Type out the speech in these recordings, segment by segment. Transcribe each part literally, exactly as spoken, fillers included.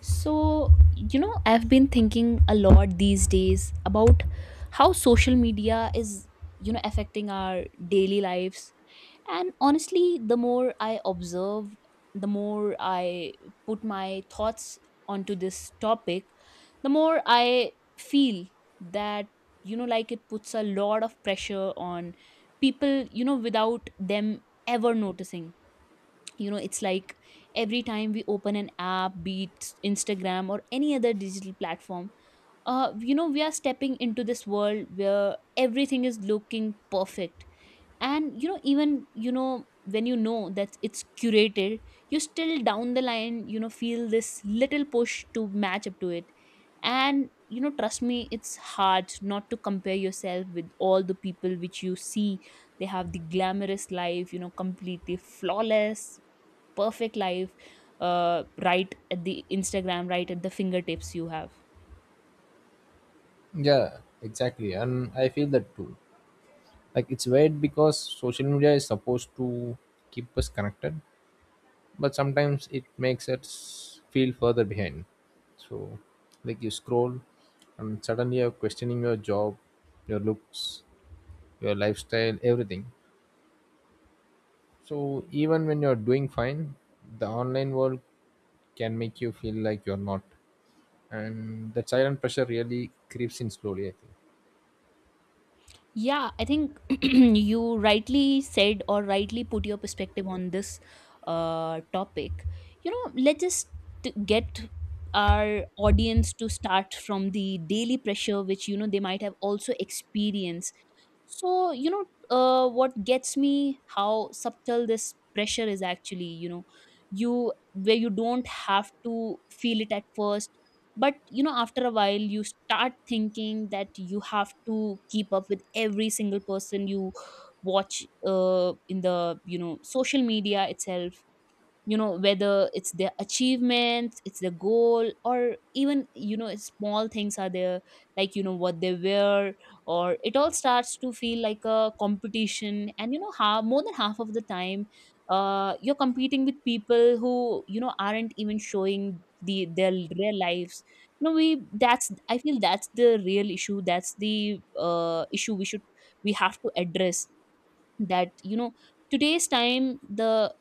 So, you know, I've been thinking a lot these days about how social media is, you know, affecting our daily lives. And honestly, the more I observe, the more I put my thoughts onto this topic, the more I feel that, you know, like it puts a lot of pressure on people, you know, without them ever noticing. You know it's like every time we open an app, be it Instagram or any other digital platform. Uh you know we are stepping into this world where everything is looking perfect. And you know even you know when you know that it's curated, you still down the line, you know feel this little push to match up to it. And you know trust me, it's hard not to compare yourself with all the people which you see. They have the glamorous life, you know completely flawless, perfect life, uh, right at the Instagram, right at the fingertips you have. Yeah, exactly. And I feel that too. Like it's weird because social media is supposed to keep us connected, but sometimes it makes us feel further behind. So, like you scroll and suddenly you're questioning your job, your looks, your lifestyle, everything. So, even when you're doing fine, the online world can make you feel like you're not. And that silent pressure really creeps in slowly, I think. Yeah, I think, you rightly said, or rightly put your perspective on this uh, topic. you know let's just t- get our audience to start from the daily pressure, which you know they might have also experienced. So, you know uh, what gets me, how subtle this pressure is actually, you know You, where you don't have to feel it at first, but you know after a while you start thinking that you have to keep up with every single person you watch, uh, in the you know social media itself. you know whether it's their achievements, it's their goal, or even you know small things are there, like you know what they wear, or it all starts to feel like a competition. And you know how more than half of the time uh, you're competing with people who you know aren't even showing the their real lives. you know we that's, I feel that's the real issue. That's the uh, issue we should we have to address, that you know today's time, the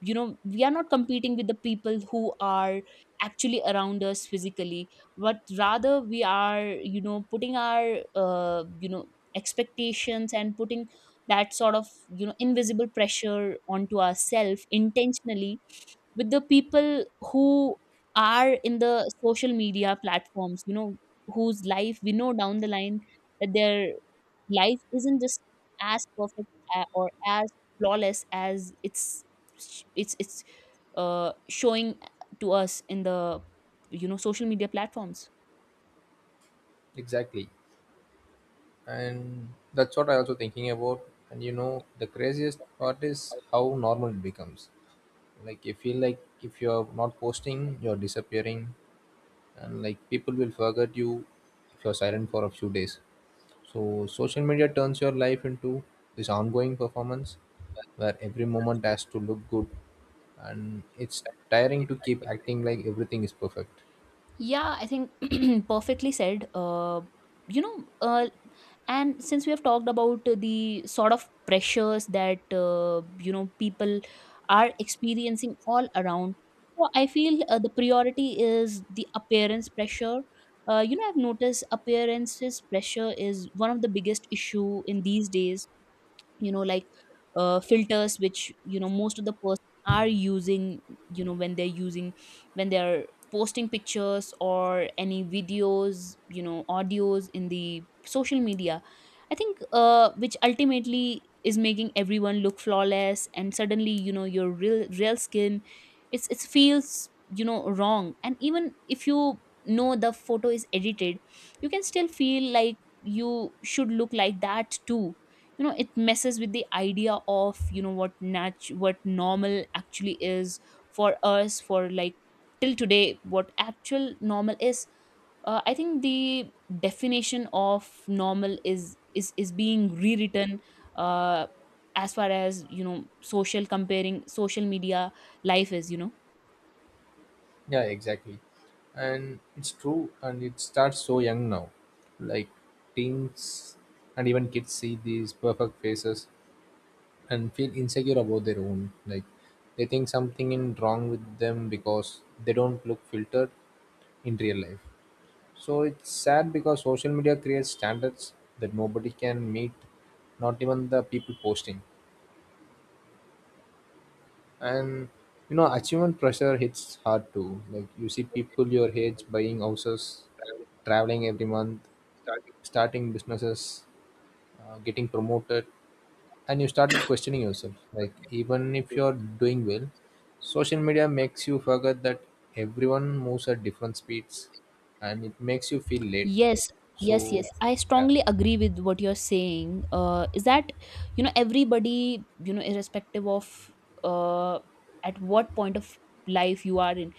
you know we are not competing with the people who are actually around us physically, but rather we are, you know putting our, uh, you know expectations, and putting that sort of, you know invisible pressure onto ourselves intentionally, with the people who are in the social media platforms, you know whose life we know down the line, that their life isn't just as perfect, a- or as flawless as it's sh- it's it's uh, showing to us in the you know social media platforms. Exactly. And that's what I also thinking about, and you know the craziest part is how normal it becomes. Like you feel like if you're not posting you're disappearing, and like people will forget you if you're silent for a few days. So social media turns your life into this ongoing performance where every moment has to look good, and it's tiring to keep acting like everything is perfect. Yeah, I think, perfectly said, uh, you know uh, and since we have talked about the sort of pressures that uh, you know people are experiencing all around, so I feel uh, the priority is the appearance pressure. uh, you know I've noticed appearances pressure is one of the biggest issue in these days. you know like, uh, filters which you know most of the person are using, you know when they're using when they're posting pictures or any videos, you know audios in the social media. I think uh, which ultimately is making everyone look flawless. And suddenly, you know your real real skin, it's it feels, you know wrong. And even if you know the photo is edited, you can still feel like you should look like that too. you know it messes with the idea of, you know what nat what normal actually is, for us, for like till today what actual normal is. uh, I think the definition of normal is is is being rewritten, uh, as far as, you know social comparing social media life is, you know Yeah, exactly. And it's true, and it starts so young now. Like teens and even kids see these perfect faces and feel insecure about their own. Like they think something is wrong with them because they don't look filtered in real life. So it's sad because social media creates standards that nobody can meet, not even the people posting. And you know achievement pressure hits hard too. Like you see people your age buying houses, traveling every month, starting businesses, uh, getting promoted, and you started questioning yourself. Like even if you're doing well, social media makes you forget that everyone moves at different speeds, and it makes you feel late. Yes, yes, So yes. I yeah. strongly agree with what you're saying. Uh, is that, you know, everybody, you know, irrespective of uh, at what point of life you are in,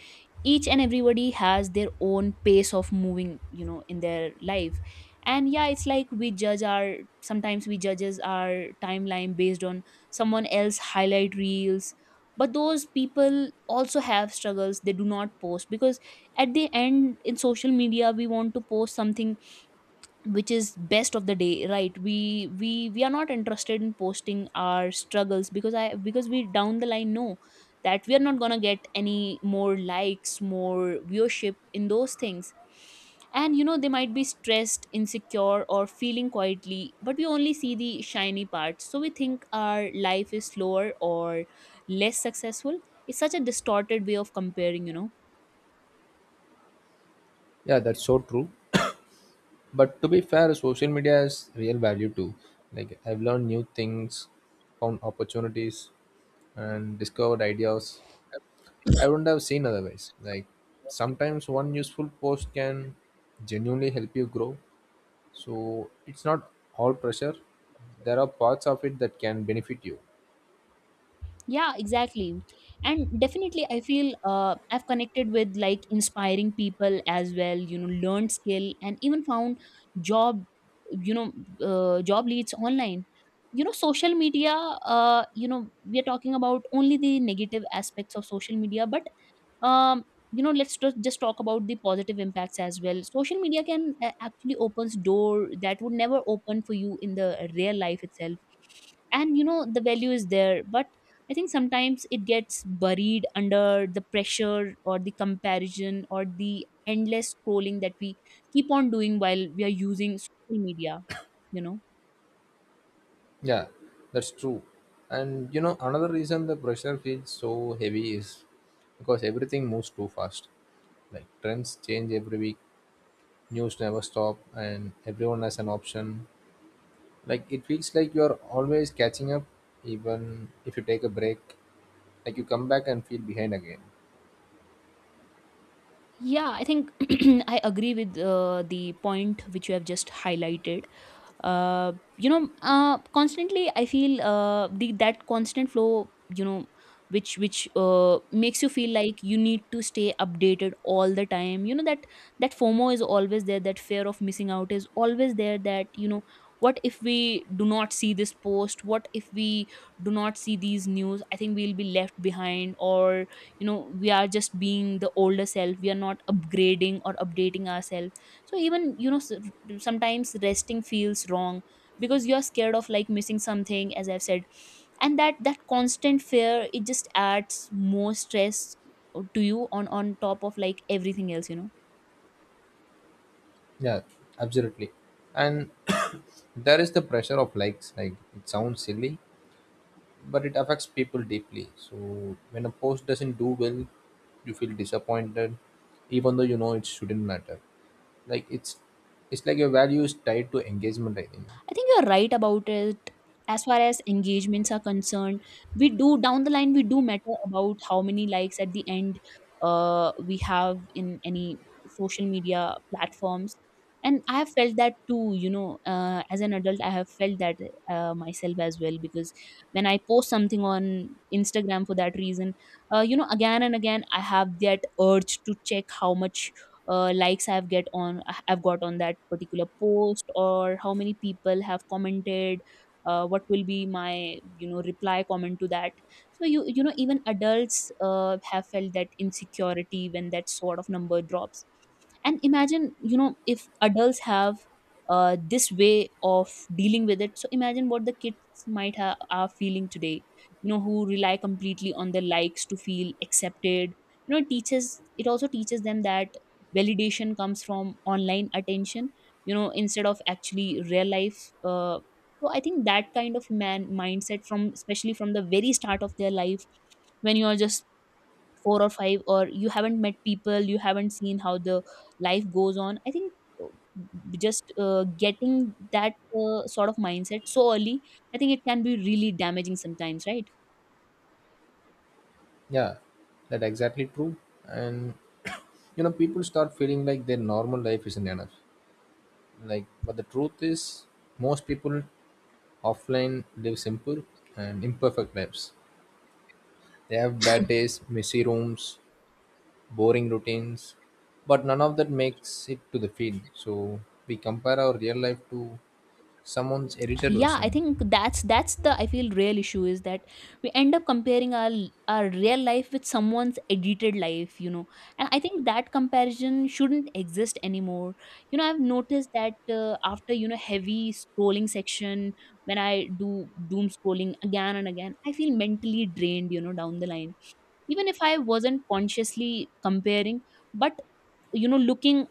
each and everybody has their own pace of moving, you know in their life. And yeah, it's like we judge our, sometimes we judges our timeline based on someone else highlight reels, but those people also have struggles they do not post, because at the end, in social media, we want to post something which is best of the day, right? We we we are not interested in posting our struggles, because I because we down the line know that we are not going to get any more likes, more viewership in those things. And you know they might be stressed, insecure, or feeling quietly, but we only see the shiny parts, so we think our life is slower or less successful. It's such a distorted way of comparing, you know Yeah, that's so true. But to be fair, social media has real value too. Like I've learned new things, found opportunities, and discovered ideas I wouldn't have seen otherwise. Like sometimes one useful post can genuinely help you grow. So it's not all pressure. There are parts of it that can benefit you. Yeah, exactly. And definitely I feel uh, I've connected with like inspiring people as well, you know learned skill, and even found job, you know uh, job leads online, you know social media. uh, you know we are talking about only the negative aspects of social media, but um you know let's just just talk about the positive impacts as well. Social media can uh, actually opens door that would never open for you in the real life itself. And you know the value is there, but I think sometimes it gets buried under the pressure, or the comparison, or the endless scrolling that we keep on doing while we are using social media, you know Yeah, that's true. And you know, another reason the pressure feels so heavy is because everything moves too fast. Like trends change every week, news never stop and everyone has an option. Like it feels like you're always catching up even if you take a break. Like you come back and feel behind again. yeah, I think, I agree with uh, the point which you have just highlighted. uh, you know uh, constantly I feel, uh, the that constant flow, you know which which uh, makes you feel like you need to stay updated all the time, you know that that FOMO is always there, that fear of missing out is always there, that, you know what if we do not see this post? What if we do not see these news? I think we'll be left behind, or you know we are just being the older self, we are not upgrading or updating ourselves. So even, you know s- sometimes resting feels wrong, because you're scared of like missing something, as I've said. And that that constant fear, it just adds more stress to you, on on top of like everything else, you know Yeah, absolutely. And there is the pressure of likes. Like it sounds silly, but it affects people deeply. So when a post doesn't do well, you feel disappointed, even though you know it shouldn't matter. Like it's it's like your value is tied to engagement, I think. I think you're right about it. As far as engagements are concerned, we do down the line, we do matter about how many likes at the end, uh, we have in any social media platforms. And I have felt that too, you know, uh, as an adult, I have felt that uh, myself as well, because when I post something on Instagram for that reason, uh, you know, again and again, I have that urge to check how much uh, likes I've get on I've got on that particular post, or how many people have commented, uh, what will be my, you know reply comment to that. So, you you know even adults uh, have felt that insecurity when that sort of number drops. And imagine, you know if adults have, uh, this way of dealing with it, so imagine what the kids might have are feeling today, you know who rely completely on the likes to feel accepted. you know it teaches it also teaches them that validation comes from online attention, you know instead of actually real life. uh, so I think that kind of, man mindset from, especially from the very start of their life, when you are just four or five, or you haven't met people, you haven't seen how the life goes on. I think uh, just uh, getting that uh, sort of mindset so early, I think it can be really damaging sometimes, right? Yeah, that exactly true. And you know, people start feeling like their normal life isn't enough. Like, but the truth is, most people offline live simple and imperfect lives. They have bad days, messy rooms, boring routines, but none of that makes it to the feed. So we compare our real life to someone's edited Yeah, I version. think that's that's the I feel real issue is that we end up comparing our our real life with someone's edited life, you know And I think that comparison shouldn't exist anymore. you know I've noticed that, uh, after, you know heavy scrolling section, when I do doom scrolling again and again, I feel mentally drained, you know down the line. Even if I wasn't consciously comparing, but you know looking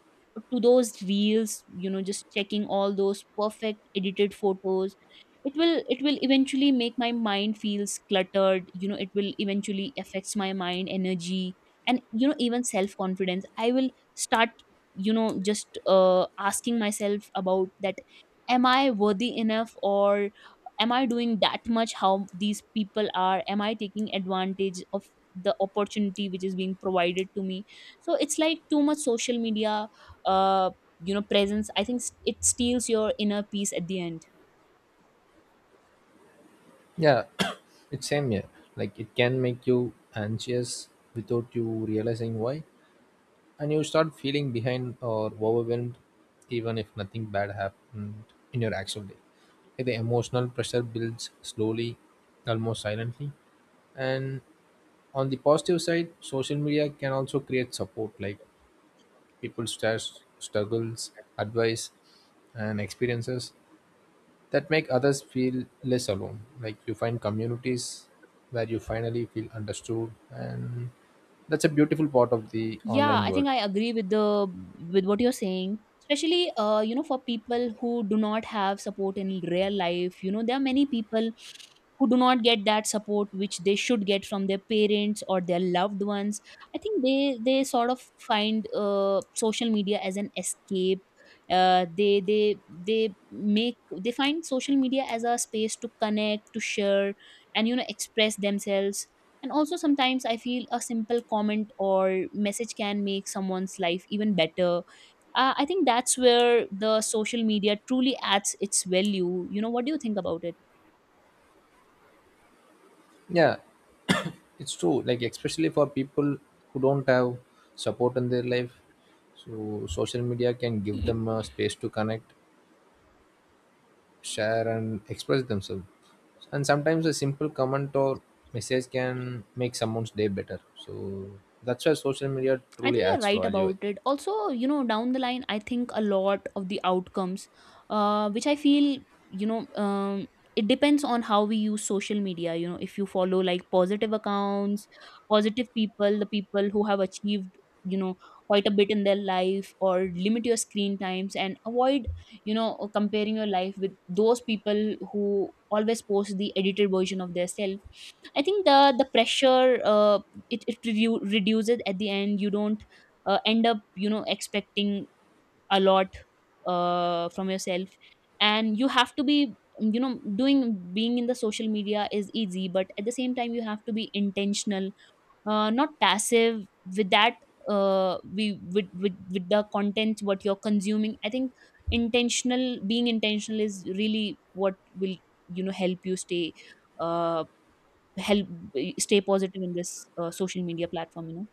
to those reels, you know just checking all those perfect edited photos, it will it will eventually make my mind feels cluttered. you know it will eventually affects my mind energy. And you know even self confidence, I will start, you know just uh, asking myself about that. Am I worthy enough? Or am I doing that much how these people are? Am I taking advantage of the opportunity which is being provided to me? So it's like too much social media, uh you know presence, I think, s- it steals your inner peace at the end. Yeah, it's same here. Like, it can make you anxious without you realizing why, and you start feeling behind or overwhelmed even if nothing bad happened in your actual day. Like, the emotional pressure builds slowly, almost silently. And on the positive side, social media can also create support. Like people share struggles, advice, and experiences that make others feel less alone. Like you find communities where you finally feel understood, and that's a beautiful part of the Yeah, online I world. think I agree with the with what you're saying. Especially, uh, you know, for people who do not have support in real life, you know, there are many people who do not get that support which they should get from their parents or their loved ones. I think they they sort of find uh, social media as an escape. Uh, they they they make they find social media as a space to connect, to share, and you know, express themselves, and also, sometimes I feel a simple comment or message can make someone's life even better. Uh, I think that's where the social media truly adds its value. You know, what do you think about it? Yeah. It's true, like especially for people who don't have support in their life. So social media can give them a space to connect, share and express themselves. And sometimes a simple comment or message can make someone's day better. So that's why social media I truly think you're adds right value, I about think. it. Also, you know, down the line, I think a lot of the outcomes, uh, which I feel, you know, um, it depends on how we use social media. You know, if you follow like positive accounts, positive people, the people who have achieved, you know, quite a bit in their life, or limit your screen times and avoid, you know, comparing your life with those people who always post the edited version of their self. I think the the pressure, uh, it it redu- reduces at the end. You don't uh, end up, you know expecting a lot uh, from yourself. And you have to be, you know doing being in the social media is easy, but at the same time you have to be intentional, uh, not passive with that, uh, we with, with with the content what you're consuming. I think intentional being intentional is really what will, you know help you stay, uh help stay positive in this, uh, social media platform, you know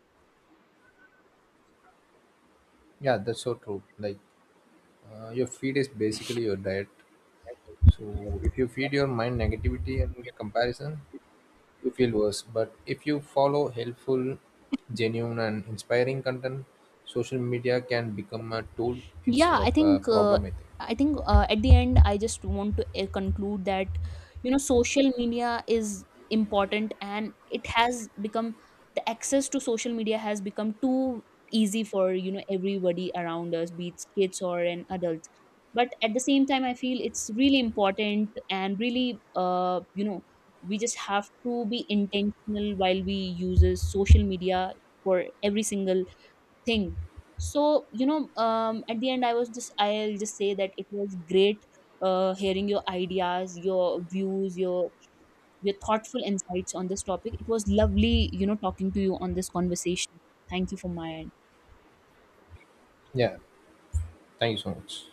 Yeah, that's so true. Like uh, your feed is basically your diet. So if you feed your mind negativity and comparison, you feel worse. But if you follow helpful, genuine, and inspiring content, social media can become a tool instead Yeah, of i a think uh, problem, I think. I think, uh, at the end I just want to uh, conclude that, you know social media is important, and it has become the access to social media has become too easy for, you know everybody around us, be it kids or an adult. But at the same time, I feel it's really important, and really, uh, you know we just have to be intentional while we uses social media for every single thing. So, you know um, at the end, i was just I'll just say that it was great, uh, hearing your ideas, your views, your your thoughtful insights on this topic. It was lovely, you know talking to you on this conversation. Thank you for my Yeah, thank you so much.